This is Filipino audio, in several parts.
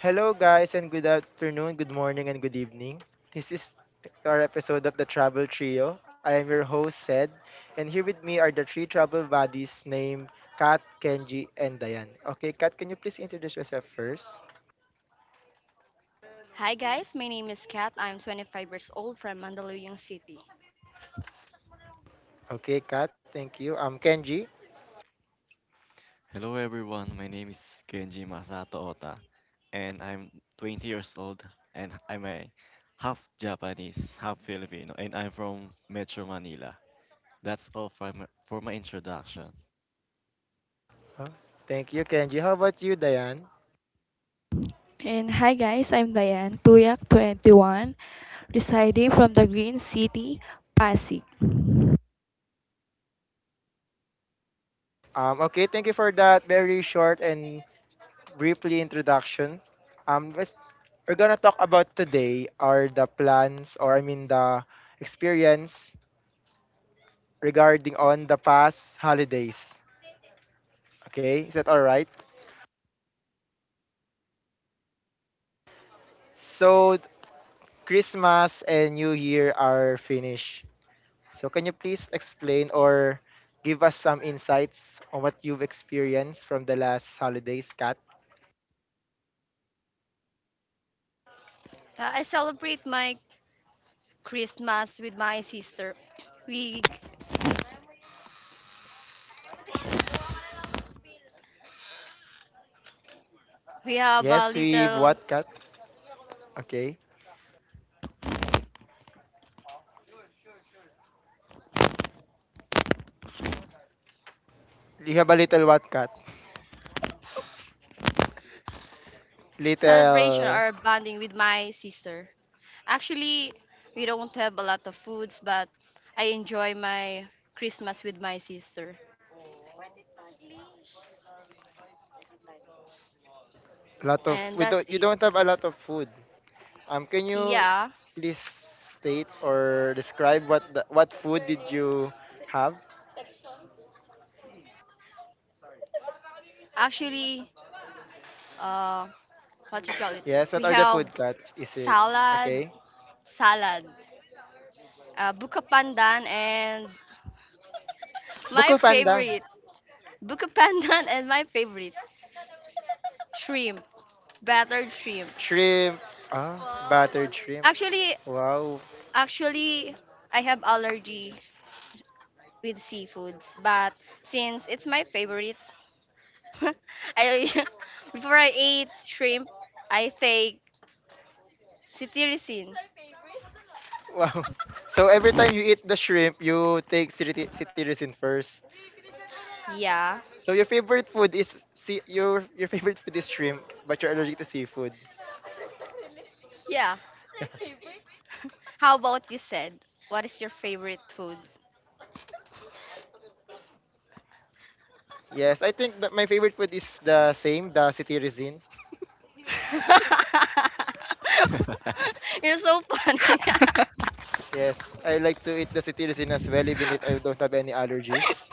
Hello, guys, and good afternoon, good morning, and good evening. This is our episode of the Travel Trio. I am your host, Sed, and here with me are the three travel buddies named Kat, Kenji, and Diane. Okay, Kat, can you please introduce yourself first? Hi guys, my name is Kat. I'm 25 years old from Mandaluyong City. Okay, Kat, thank you. Kenji. Hello everyone, my name is Kenji Masato Ota, and I'm 20 years old, and I'm a half Japanese, half Filipino, and I'm from Metro Manila. That's all for my introduction. Huh? Thank you, Kenji. How about you, Diane? And hi guys, I'm Diane, Tuyak 21 residing from the Green City, Pasig. Okay, thank you for that very short and briefly introduction. Um, let's- we're gonna talk about today are the plans or the experience regarding on the past holidays. Okay, is that all right? So Christmas and New Year are finished. So can you please explain or give us some insights on what you've experienced from the last holidays, Kat? I celebrate my Christmas with my sister. We we have a Yes, we little what, Kat? Okay. You have a little what, Kat? celebration Little or bonding with my sister. Actually, we don't have a lot of foods, but I enjoy my Christmas with my sister, lot of and we that's don't You it. don't have a lot of food. Can you Yeah, please state or describe what food did you have? actually, uh, what you call it? Yes, what We are the have food, cut? Is it salad, okay? salad, buka pandan, and my Buko pandan. favorite, buka pandan, and my favorite, shrimp, battered shrimp. Shrimp. Ah, battered shrimp. Actually, Wow. actually, I have allergy with seafoods, but since it's my favorite, I before I ate shrimp, I take cetirizine. Wow. So every time you eat the shrimp, you take citizen first. Yeah, So your favorite food is see your favorite food is shrimp, but you're allergic to seafood. yeah. How about you said, what is your favorite food? Yes, I think that my favorite food is the same, the citizen. You're so funny. Yes, I like to eat the citizen as well, even if I don't have any allergies.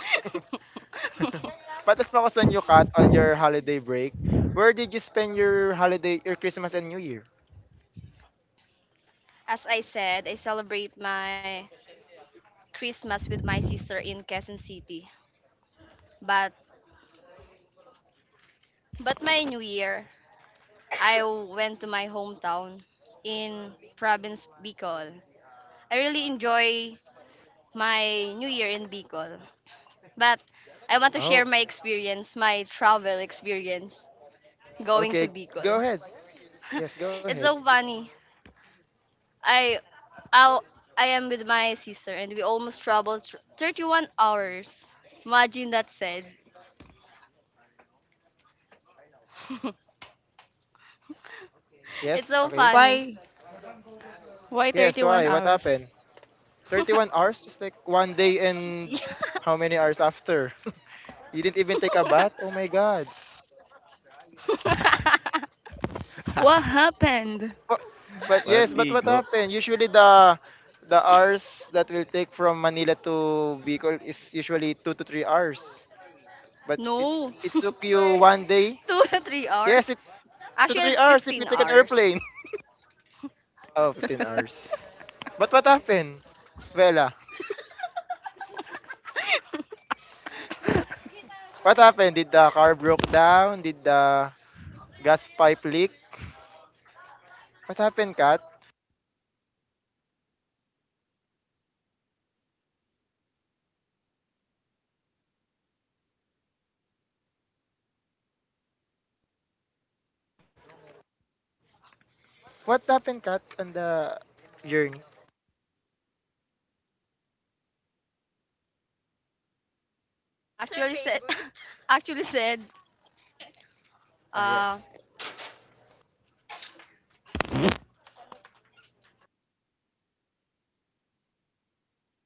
Patas pa ako sa new cut on your holiday break. Where did you spend your holiday, your Christmas and New Year? As I said, I celebrate my Christmas with my sister in Quezon City. But but my New Year, I went to my hometown in province Bicol. I really enjoy my New Year in Bicol. But I want to Oh, share my experience, my travel experience going to okay. Go Bicol. ahead. Yes, go ahead. It's so funny. I I, I am with my sister and we almost traveled 31 hours. Imagine that said. It's Yes, so okay. funny. Why? Why Yes, 31 why? What hours? happened? thirty one hours? Just like one day and Yeah. how many hours after? You didn't even take a bath? Oh my god. What happened? But, but Walang yes, but what ligo, happened? Usually the hours that will take from Manila to Bicol is usually 2 to 3 hours. But No. it took you one day. Two to three Yes, hours. two to Actually, three it's hours if you fifteen take an hours. airplane. Oh, 15 hours. But what happened? Vela, what happened? Did the car broke down? Did the gas pipe leak? What happened, Kat? What happened, Kat, on the journey? Actually said, actually said, Ah, uh, yes.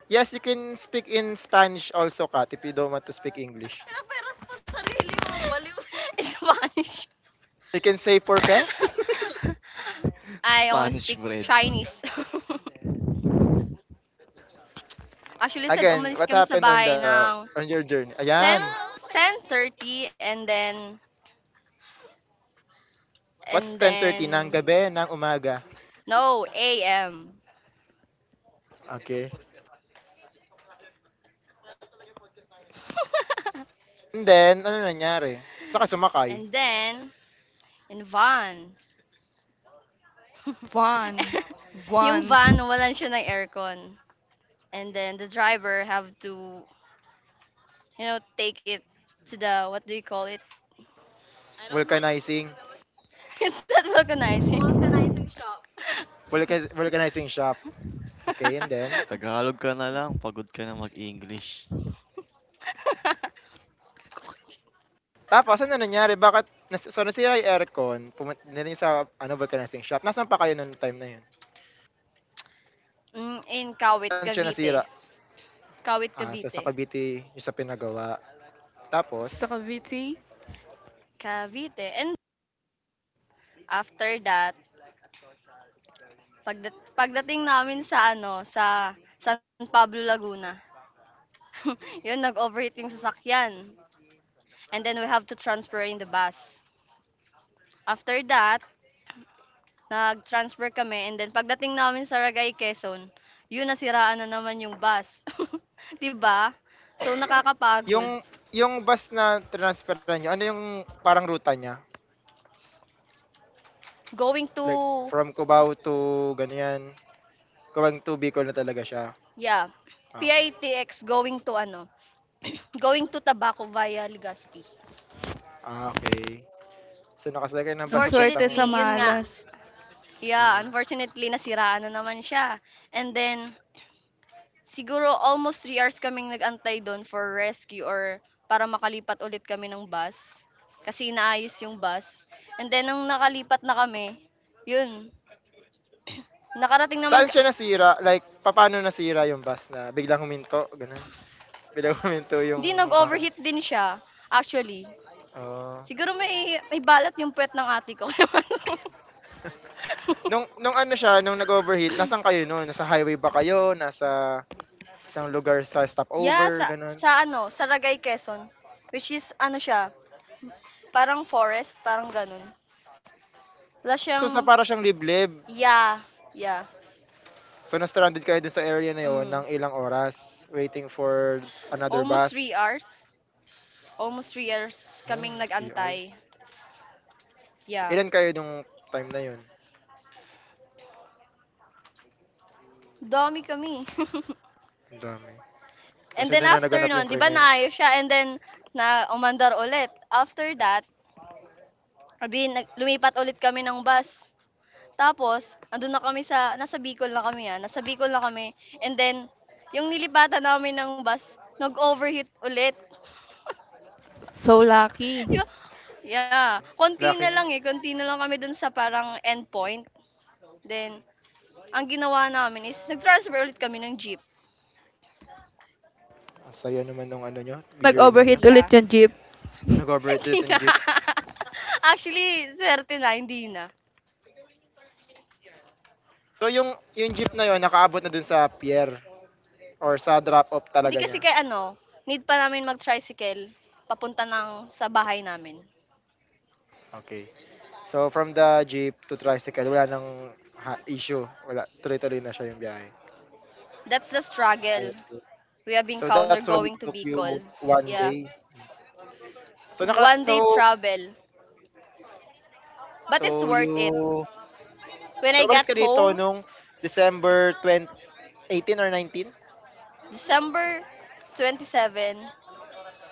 Yes, you can speak in Spanish also, Kat, if you don't want to speak English. in Spanish. You can say por qué. I only Spanish speak bread. Chinese. Actually said, Again, umalis what kami sa happened on bahay the ng on your journey? ten. Ayan. Wow. 10:30, and then, What's and 10:30 ng then, gabi, ng umaga? no, a. M. Okay. And then, ano nangyari? Saka And sumakay. then, and van. One. Yung van, One. walan siya ng aircon. And then the driver have to, take it to the, what do you call it? Vulcanizing. It's not vulcanizing. Vulcanizing shop. Okay, and then? Tagalog ka na lang, pagod ka na mag-English. Tapos ano nangyari? Bakit so nasira yung aircon, pumunta niyo sa ano vulcanizing shop. Nasaan pa kayo noong time na yun? In Kawit, Saan siya nasira? Cavite. Kawit, Ah, so sa Cavite. Cavite yung sa pinagawa. Sa Tapos Cavite, Cavite. And after that, pagdating namin sa ano, sa San Pablo, Laguna. Yun, nag-overheat yung sasakyan. And then we have to transfer in the bus. After that, nag-transfer kami and then pagdating namin sa Ragay, Quezon, yun nasiraan na naman yung bus. 'Di ba? So yung nakakapagod. yung bus na transferan nyo ano yung parang ruta niya? Going Like to, from Cubao to ganyan. Cubao to Bicol na talaga siya. yeah, Ah, okay. PITX, going to ano, going to Tabaco via Legazpi. Ah, okay. So nakasalakay ng ang bus swerte papuntang sa Unfortunately, yun nga, ah, malas. yeah, mm, unfortunately nasiraan na naman siya. And then siguro almost 3 hours kaming nagantay antay for rescue or para makalipat ulit kami ng bus, kasi inaayos yung bus. And then nung nakalipat na kami, yun, nakarating naman saan ka siya nasira? Like, papaano nasira yung bus na biglang huminto, ganun? Biglang huminto hindi, yung mga nag-overheat din siya, actually. oh. Siguro may balat yung puwet ng ate ko kaya ano. Nung ano siya, nung nag-overheat, nasaan kayo nun? Nasa highway ba kayo? Nasa isang lugar sa Yeah, stopover, sa ganun? sa ano, Saragay, Quezon, which is ano siya, parang forest, parang gano'n. Wala siyang, So, sa para siyang liblib. yeah, yeah, So, na-stranded kayo dun sa area na yon hmm. ng ilang oras waiting for another Almost three bus. hours. Almost 3 years Oh, kaming 3 nag-antay. hours. Yeah. Ilan kayo nung time na yun? Dami kami. Ang dami. Kasi And doon then na after naganap yung nun, di ba krimen. naayos siya? And then, na umandar ulit. After that, sabi, lumipat ulit kami ng bus. Tapos, andun na kami nasa Bicol na kami ah. Nasa Bicol na kami. And then, yung nilipatan namin ng bus, nag-overheat ulit. So lucky. Di ba? Yeah. Konti Lucky na mo. lang eh. Konti na lang kami dun sa parang endpoint. Then, ang ginawa namin is, nag-transfer ulit kami ng jeep. Ang saya naman nung ano nyo, journey nyo. Nag-overheat ulit Yeah. yung jeep. Nag-overheat Hindi dito yung na. jeep. Actually, suwerte na. So yung jeep na yon nakaabot na dun sa pier or sa drop off Hindi talaga kasi niya. kay ano, need pa namin mag-tricycle papunta ng sa bahay namin. Okay. So from the jeep to tricycle wala nang issue. Wala tuloy-tuloy na siya yung biyahe. That's the struggle So we have so encountered that's why it going to took you Bicol. one Yeah. day. So naka One day travel. But it's so worth it. you When so I umalis ka got dito home, nung December 20, 18 or 19 December 27,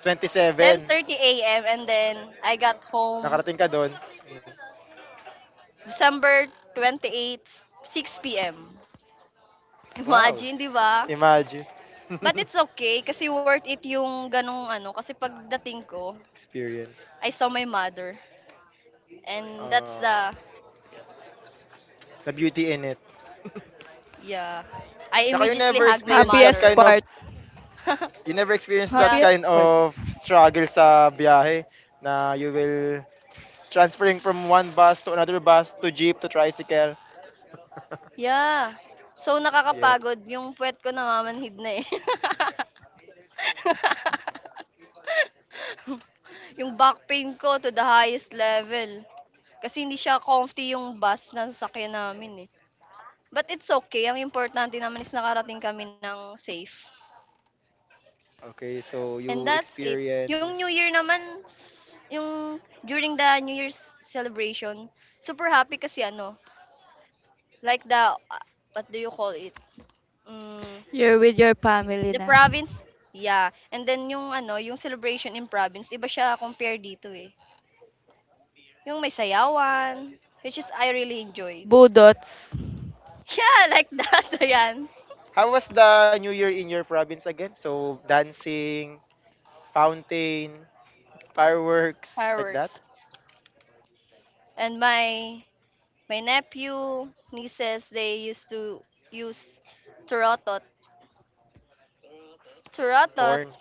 27. 10:30 a.m. And then I got home Nakarating ka doon. December 28, 6 p.m. Wow. Imagine, di ba? Imagine. But it's okay kasi worth it yung ganung ano, kasi pagdating ko, Experience. I saw my mother and that's Uh, the, the beauty in it. yeah. I Tsaka you immediately never hug my experienced that Happiest mother. kind of part. you never experienced that Yeah. Happiest kind part. of struggle sa biyahe na you will transferring from one bus to another bus to jeep to tricycle. Yeah. So Yes. nakakapagod yung puwet ko namamanhid na eh. Yung back pain ko to the highest level. Kasi hindi siya comfy yung bus na sasakyan namin eh. But it's okay. Ang importante naman is nakarating kami ng safe. Okay, so And you that's it. Yung New Year experience naman, yung during the New Year's celebration, super happy kasi ano, like the, what do you call it? Mm, You're with your family the na. province, yeah. And then yung ano, yung celebration in province, iba siya compare dito eh. Yung may sayawan, which is I really enjoy. Budots. Yeah, like that, ayan. how was the New Year in your province again? So dancing, fountain, fireworks like that? Fireworks. And my nephew, nieces, they used to use turotot. Turotot. Horn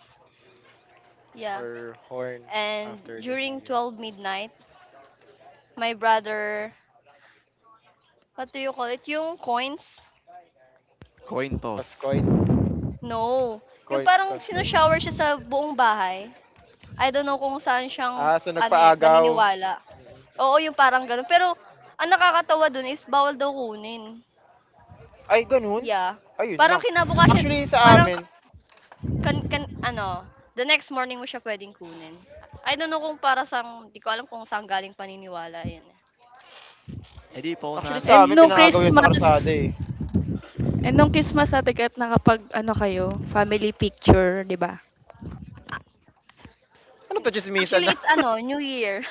or horn And after the during New Year? 12 midnight, my brother, what do you call it? Yung coins? Coin toss. Toss coin, No. Yung coin, parang toss coin. sinushower siya sa buong bahay. I don't know kung saan siyang, Ah, so ano eh, nagpaagaw. paniniwala. Oo, yung parang ganun. Pero, ang nakakatawa dun is, bawal daw kunin. Ay gano'n? Yeah. Ayun Parang lang. Kinabukasan, parang, ka- kan, kan, ano, the next morning mo siya pwedeng kunin. I don't know kung para sa, di ko alam kung saan galing paniniwala yun. Eh di Actually paunahan sa And amin no magising yung pinaagaw yan sa kalsada, Christmas. eh. Eh, nung Christmas Ate Kat nakapag-ano kayo, family picture, 'di ba? Ano 'to tsismisan Actually, na? it's ano, New Year.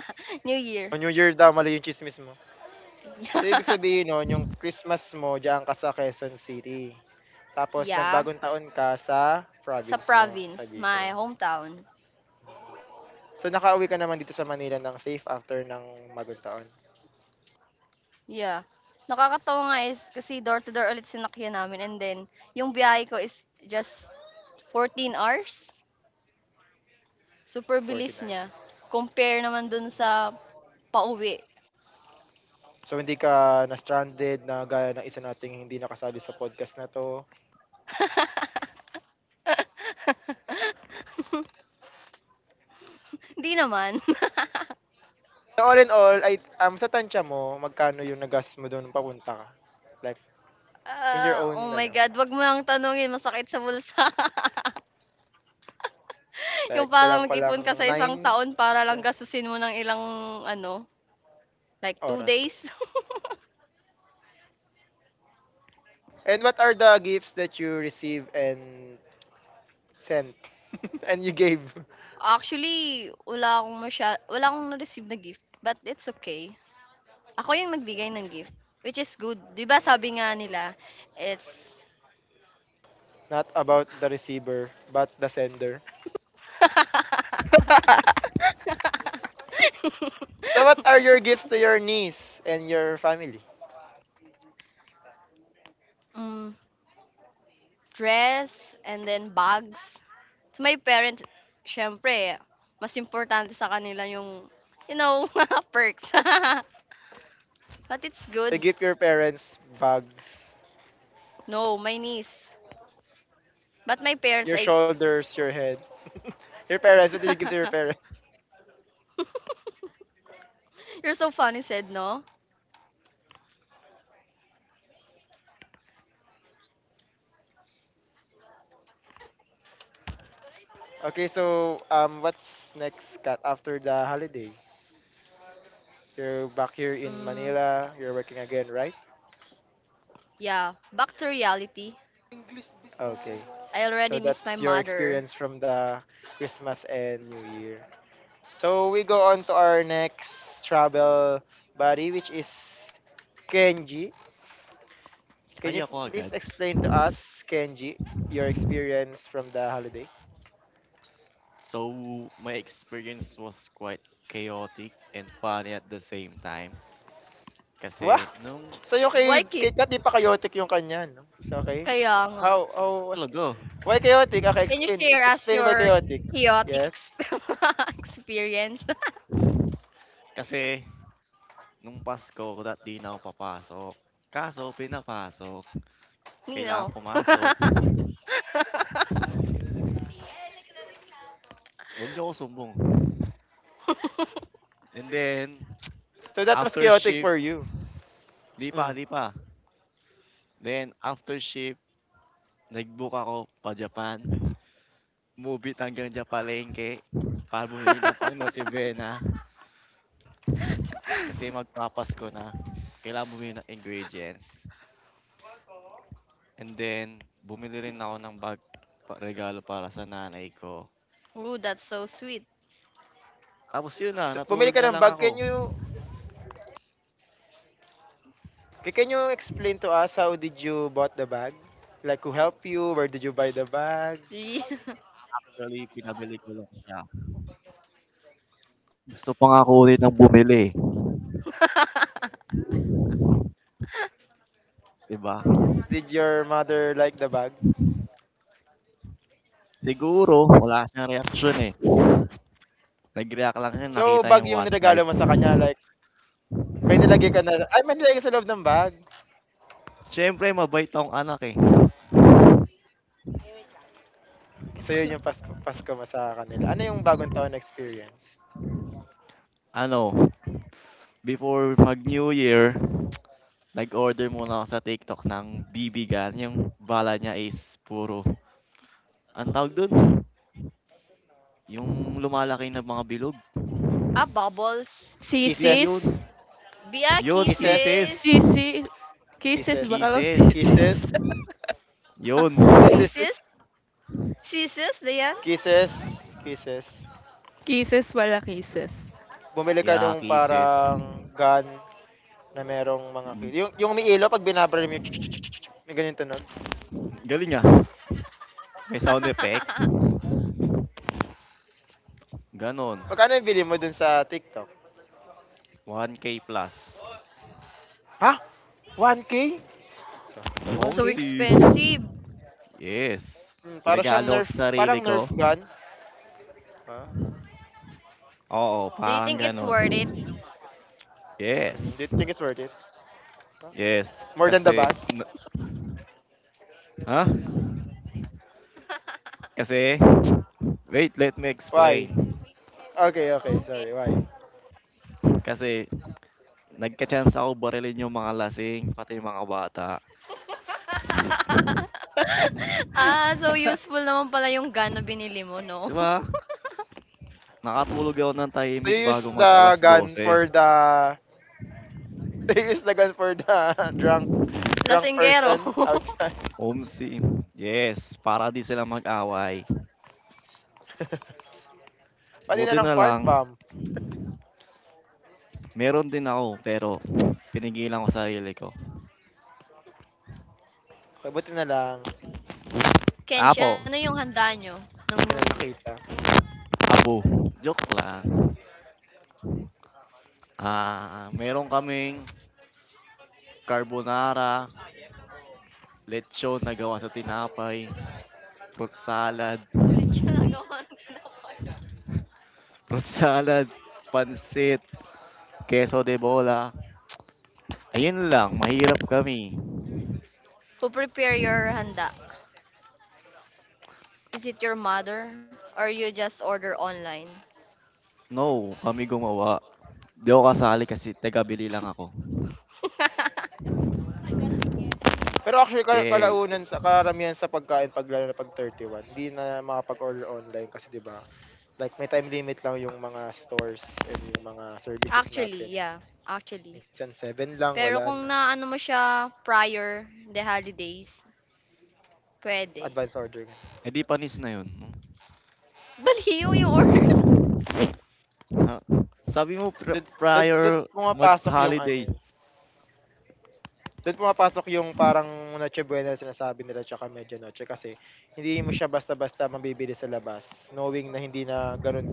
New Year. New Year daw mali yung tsismis mo. So ibig sabihin no'n yung Christmas mo diyan ka sa Quezon City, tapos Yeah, nagbagong taon ka sa sa province mo, province, sa my Bicol. hometown. So nakauwi ka naman dito sa Manila ng safe after ng bagong taon, Yeah. Nakakatawa nga is kasi door to door ulit sinakyan namin and then yung biyahe ko is just 14 hours. Super 14 bilis hours. niya. Compare naman dun sa pauwi. So hindi ka na-stranded na gaya ng isa nating hindi nakasali sa podcast na 'to. Hindi naman. So all in all, ay sa tantiya mo, magkano yung nagas mo dun nung papunta ka? Like, in your Ah, oh own my ano, God, wag mo nang tanungin, masakit sa bulsa. Yung like parang kulang-kulang nag-ipon ka sa isang nine taon para lang gastusin mo ng ilang ano, like two oras. days. And what are the gifts that you receive and sent and you gave? Actually, wala akong masya wala akong na-receive na gift, but it's okay. Ako yung nagbigay ng gift, which is good. 'Di ba sabi nga nila, it's Not about the receiver, but the sender. So what are your gifts to your niece and your family? hmm, dress and then bags. So, my parents, siyempre, mas importante sa kanila yung, you know, mga perks. But it's good. You give your parents bags, No, my niece. But my your parents, I... shoulders, your head. Your parents, what did you give to your parents? You're so funny, said, no. Okay, so what's next, Kat, after the holiday? You're back here in Mm, Manila. You're working again, right? yeah, back to reality. Business. Okay. I So already miss my that's your mother. experience from the Christmas and New Year. So we go on to our next travel buddy, which is Kenji. Can you ay ako please agad. explain to us, Kenji, your experience from the holiday? So, my experience was quite chaotic and funny at the same time. Wow! Kasi nung Sa'yo Why kay Kat 'di chaotic? pa chaotic yung kanya 'no? So okay? Kaya nga. How was talaga, why chaotic? Okay, Can you explain share us explain why your chaotic. chaotic Yes. Experience? kasi nung Pasko dati 'di na ako papasok. Kaso pinapasok, kailangan Nino. pumasok, "Wag niyo ako sumbong." And then So that was after chaotic shift for you? 'di pa, Mm. 'di pa. Then after shift nag-book ako pa-Japan, movie hanggang Japalengke para bumili ng pang Noche Buena kasi magpapasko na, kailangan bumili ng ingredients. And then bumili rin ako ng bag pa regalo para sa nanay ko. Ooh, that's so sweet. Tapos yun na, So bumili natulog ka na ng lang bag. ako. Can you can you explain to us how did you bought the bag? Like who helped you? Where did you buy the bag? Yeah. Actually, pinabili ko lang siya. Gusto pa nga ko ulit ng bumili, 'di ba? Did your mother like the bag? Siguro wala siyang reaksyon, eh. Nag-react lang siya So nakita bag yung yung niregalo mo sa kanya 1,500. like may nilagay ka sa loob ng bag. Siyempre mabait tong anak, eh. So yun yung pasko pasko mo sa kanila. Ano yung bagong taon na experience? Ano, before mag New Year, nag-order muna ako sa TikTok ng bibigan, yung bala niya is puro anong tawag dun? Yung lumalaki na mga bilog? Ah, bubbles. Hindi Sisis? yun, Kisses. Bia yun Si Kisses. kisses, kisses. sisi? Kisses Kisses. ba? Akala kisses, sisis. Kisses. yun. Kisses. Sisis? Sisis, Dayan? Kisses. Kisses. Kisses wala kisses. Bumili ka Yeah, nung kisses. parang gun na merong mga Mm, yung umiilo pag binabaril mo yung tsk-tsk-tsk-tsk, may ganyan tunog. galing ah. May sound effect. Ganon. Magkano yung bili mo dun sa TikTok? One k plus. Ha? 1K. So, sorry, one So k Omsim. expensive. Yes. Hmm, para siyang Regalo nerf, sa parang sarili ko. nerf gun. Ah, Oo, okay. Do you parang think it's ganon. worth it? Yes. Mm, do you think it's worth it? Huh? Yes. More than the Kasi, bag? n- ha? Kasi, wait, let me explain. Why? Okay, okay, Okay. sorry, why? Kasi, nagka-chance ako barilin yung mga lasing, pati yung mga bata. Ah, so useful naman pala yung gana binili mo, 'Di no? ba? Nakatulog ako ng So you tahimik use bago mag the alas gun 12. for the they use the gun for the drunk drunk Lasinggero. person outside. OMC, yes, para di sila mag-away. Pati na Buti ng na fart lang, bomb. meron din ako pero pinigilan ko sarili ko. Okay, buti na lang. Kenshi, ano Tapos, yung handa nyo? Nung Hindi ka na nakita. abo, joke lang. Ah, meron kaming carbonara, lechon na gawa sa tinapay, fruit salad, fruit salad, pansit, queso de bola. Ayun lang, mahirap kami. who prepare your handa? Is it your mother or you just order online? No, kami gumawa. Di ako kasali kasi taga-bili lang ako. Pero actually, Eh, kalaunan sa karamihan sa pagkain, pag lalo na pag 31 hindi na makapag-order online kasi 'di ba like, may time limit lang yung mga stores and yung mga services Actually, natin. yeah. Actually. Minsan 7 lang, Pero wala na. kung naano mo siya prior the holidays, pwede. Advance order. Ganun. edi panis na yun. No? Baliw yung order. Ah, sabi mo pri Doon, doon prior pumapasok yung mag-holiday, ano eh, do'n pumapasok yung parang Noche Buena na sinasabi nila tsaka Medianoche kasi hindi mo siya basta-basta mabibili sa labas knowing na hindi na gano'n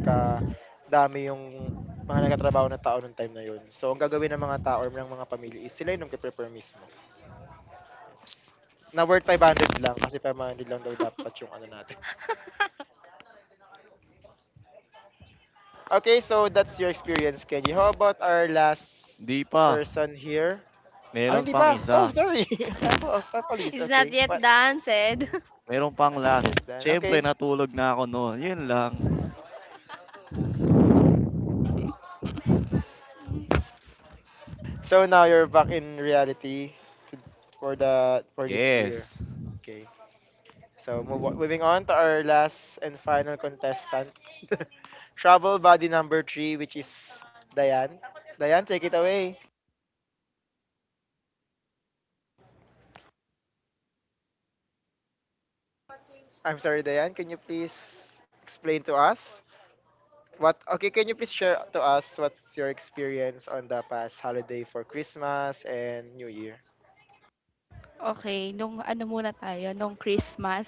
dami yung mga nagtatrabaho na tao nung time na yun. So, ang gagawin ng mga tao or ng mga pamilya is sila yung nagpe-prepare mismo, yes. Na worth 500 lang kasi 500 lang daw dapat yung ano natin. Okay, so that's your experience, Kenji. How about our last 'di pa, person here? Ah, meron hindi pang ba? Oh, isa, sorry. Apo apologies, It's okay. not yet What? done, said. Hmm, meron pang that's not last. yet done, Siyempre okay. natulog na ako no'n, 'yun lang. So now you're back in reality to, for the for this year. Yes, Okay. So move on, moving on to our last and final contestant, travel body number three, which is Diane. Diane, take it away. I'm sorry, Diane. Can you please explain to us what? Okay, can you please share to us what's your experience on the past holiday for Christmas and New Year? Okay, nung ano muna tayo, nung Christmas,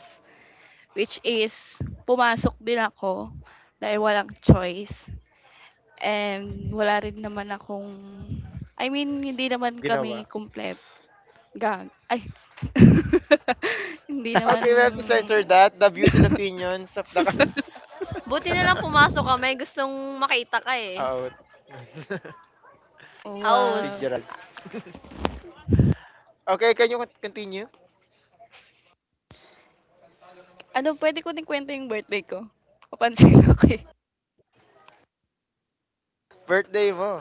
which is pumasok din ako dahil walang choice. And wala rin naman akong, I mean, hindi naman Ginawa. kami complete. Gag. Ay. Hindi naman Okay, we have to censor that. The views and opinions of the. Buti na lang pumasok ka, may gustong makita ka eh. Oo. Si Aus. wa. Gerald. Okay, can you continue? Ano, puwede ko din kwento yung birthday ko? Papansin ako, eh. Birthday mo.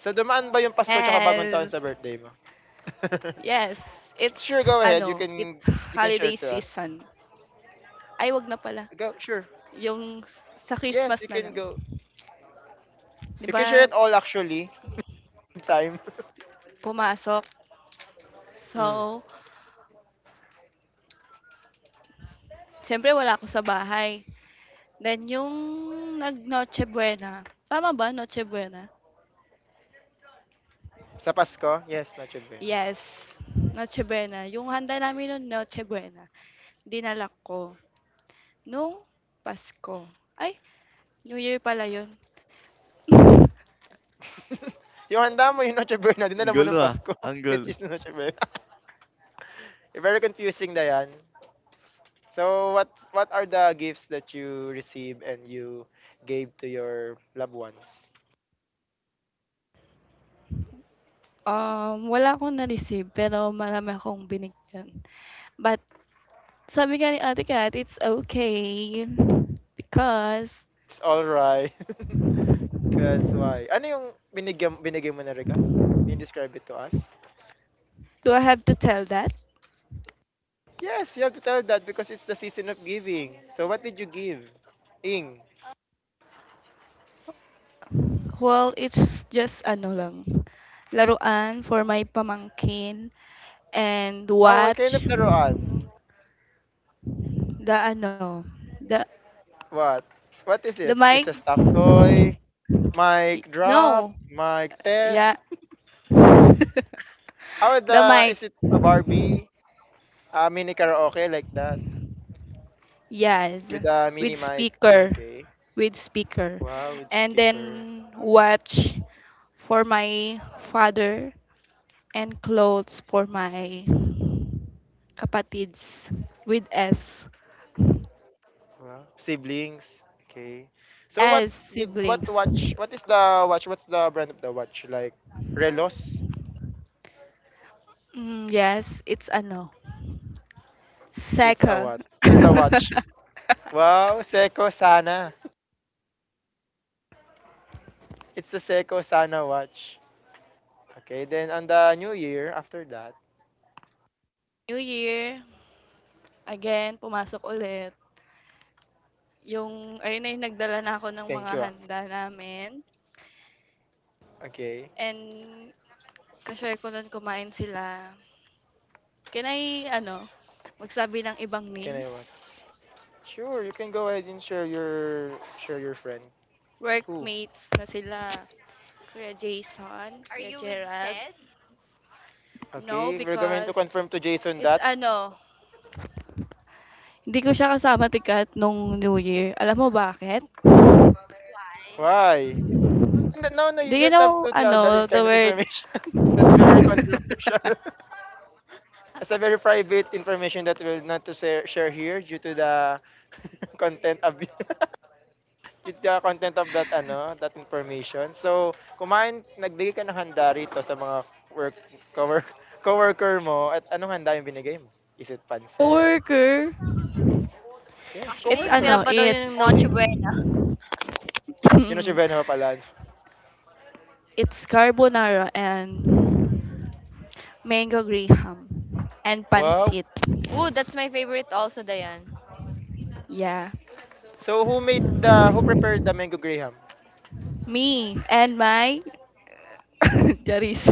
So, dumaan ba yung Pasko tsaka bagong taon Yes, sa birthday mo? yes, it's Sure, go ahead. Ano, it's You can holiday share to us. season. Ay, 'wag na pala, Go, sure. yung s sa Christmas Yes, na you lang. can go. 'Di You can share ba, it all actually. Time. pumasok, Mm. so siyempre wala ako sa bahay. Then yung nag-Noche Buena, tama ba Noche Buena? Sa Pasko? Yes, Noche Buena. Yes, Noche Buena. Yung handa namin nun Noche Buena, dinala ko nung Pasko. Ay, New Year pala yun. Yung handa mo yung Noche Buena, ang dinala mo ng gulo, ah, Pasko, ang which gulo. is Noche Buena. Very confusing na yan. So, what are the gifts that you receive and you gave to your loved ones? Wala akong na-receive pero marami akong binigyan. But sabi nga ni Ate Kat, it's okay because It's alright. That's why. Ano yung binigay mo na regalo? Can you describe it to us? do I have to tell that? Yes, you have to tell that because it's the season of giving. So what did you give? Ing. Well, it's just ano lang, laruan for my pamangkin and Oh, what kind watch of laruan? the ano, the What? What is it? the It's mic. a stuffed toy, mic drop, No. mic Yeah. test. How The the mic. is it a Barbie? A mini karaoke like that Yes, with a with mini mic. speaker, Okay. with speaker. Wow, with And speaker. then watch for my father and clothes for my kapatids with S. Siblings. Okay. So what S did what siblings. watch? What is the watch? What's the brand of the watch? Like Relos? Mm, yes, it's ano, It's a cycle. what? It's a watch. Wow, Seiko Sana. It's the Seiko Sana watch. Okay, then on the new year after that. New Year, again, pumasok ulit. Yung, ayun na yung nagdala na ako ng mga Thank you, ah. handa namin. Okay. And, kashare ko nun kumain sila. Can I, ano, magsabi ng ibang Can names? I what? Sure, you can go ahead and share your friend. Who? Workmates na sila, Kuya Are Jason, you Kuya with Sed? Gerald. No, Okay, we're going to because confirm to Jason is that. ano, hindi ko siya kasama tikat nung New Year. Alam mo bakit? Why? No, no, Do you you don't have know, to tell that ano, in the kind of word information. That's very controversial. It's a very private information that will not to share here due to the content of due to the content of that ano, that information. So, kumain nagbigay ka ng handa rito sa mga cowork, coworker mo at anong handa yung binigay mo? Is it pancit? coworker. Yes, Actually, It's yung tira ano, coworker, pa daw yun ng it's Noche colleague. Buena. Yun ang si Benho pala, no? it's carbonara and mango graham and Wow. pancit. Ooh, that's my favorite also, Dayan. Yeah. So, who prepared the mango graham? Me and my Charis.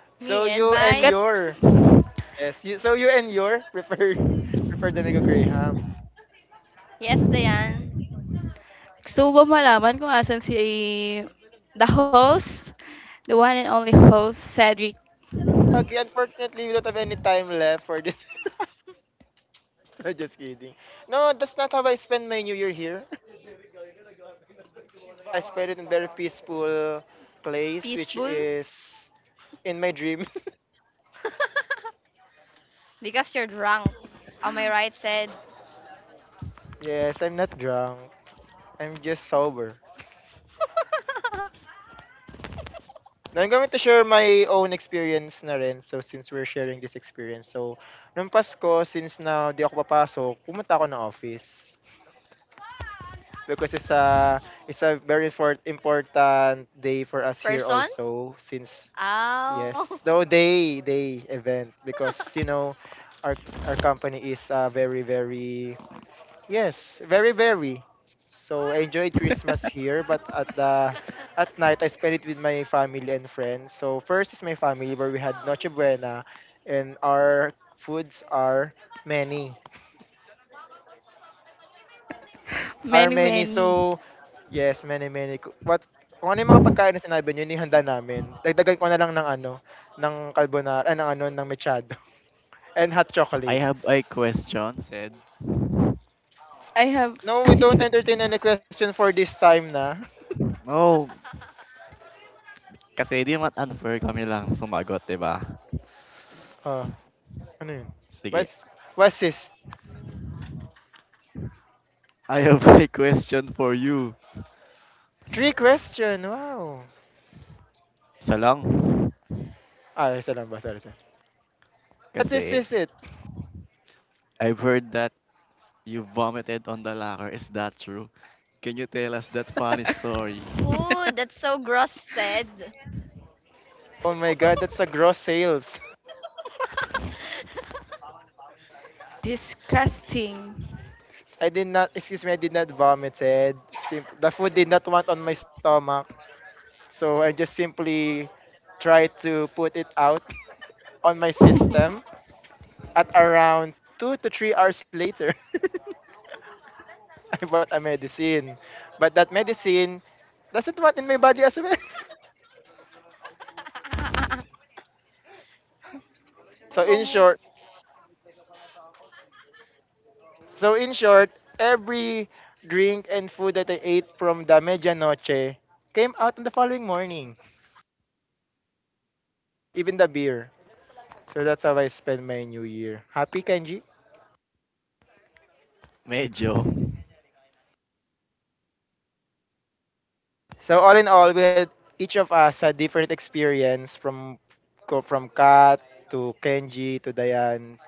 Me So, and you my, and Sikat. your yes, you, so you and your prepared prepared the mango graham. yes, Diane, Gusto mo ba malaman kung asan si the host? The one and only host, Cedric. Okay, unfortunately, we don't have any time left for this. No, just kidding. No, that's not how I spend my New Year here. I spend it in very peaceful place, which peaceful. is in my dreams. Because you're drunk. On my right, said, Yes, I'm not drunk. I'm just sober. Now, I'm going to share my own experience na rin. So, since we're sharing this experience. So, nung Pasko, since na di ako papasok, pumunta ako ng office. Because it's a very important day for us here person? also. Since Ow. yes. No day day event because you know our our company is very very yes, very very. So I enjoyed Christmas here but at the at night I spent it with my family and friends. So first is my family where we had Noche Buena and our foods are many. Are Many, many many. so yes, many many. What kung ano yung mga pagkain na sinabi niyo, ni handa namin. Dagdagan ko na lang ng ano, ng carbonara, ah, ng ano, ng mechado, and hot "I chocolate. have a question," said. I have No, we don't entertain any question for this time na. No, kasi 'di naman unfair kami lang sumagot, 'di ba? Oh, ano yun? Sige, What's, what's this? "I have a question for you." Three question, wow. Isa lang? Ah, isa lang ba? Sorry, sorry. What is Kasi this it? I've heard that you vomited on the locker, is that true? Can you tell us that funny story? Ooh, that's so gross, said. Oh my God, that's a gross sales. disgusting. I did not, excuse me, I did not vomited. The food did not want on my stomach. So I just simply tried to put it out on my system at around two to three hours later. I bought a medicine. But that medicine doesn't want in my body as well. So in Oh. short, so in short, every drink and food that I ate from the medianoche came out on the following morning, even the beer. So that's how I spent my new year. Happy Kenji. Medyo. So all in all, we had, each of us had different experience from from Kat to Kenji to Diane,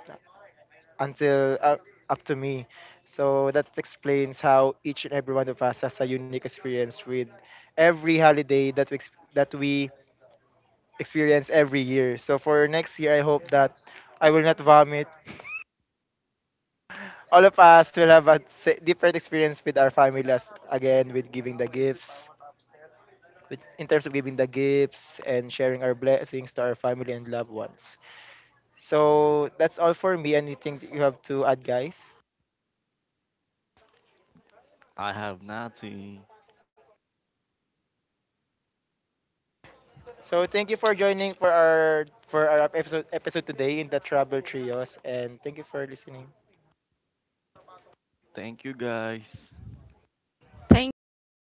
until up to me. So that explains how each and every one of us has a unique experience with every holiday that we experience every year. So for next year, I hope that I will not vomit. All of us will have a different experience with our families again, with giving the gifts, with, in terms of giving the gifts and sharing our blessings to our family and loved ones. So that's all for me. Anything that you have to add, guys? I have nothing. So thank you for joining for our episode episode today in the Trouble Trios and thank you for listening. Thank you guys. Thank you.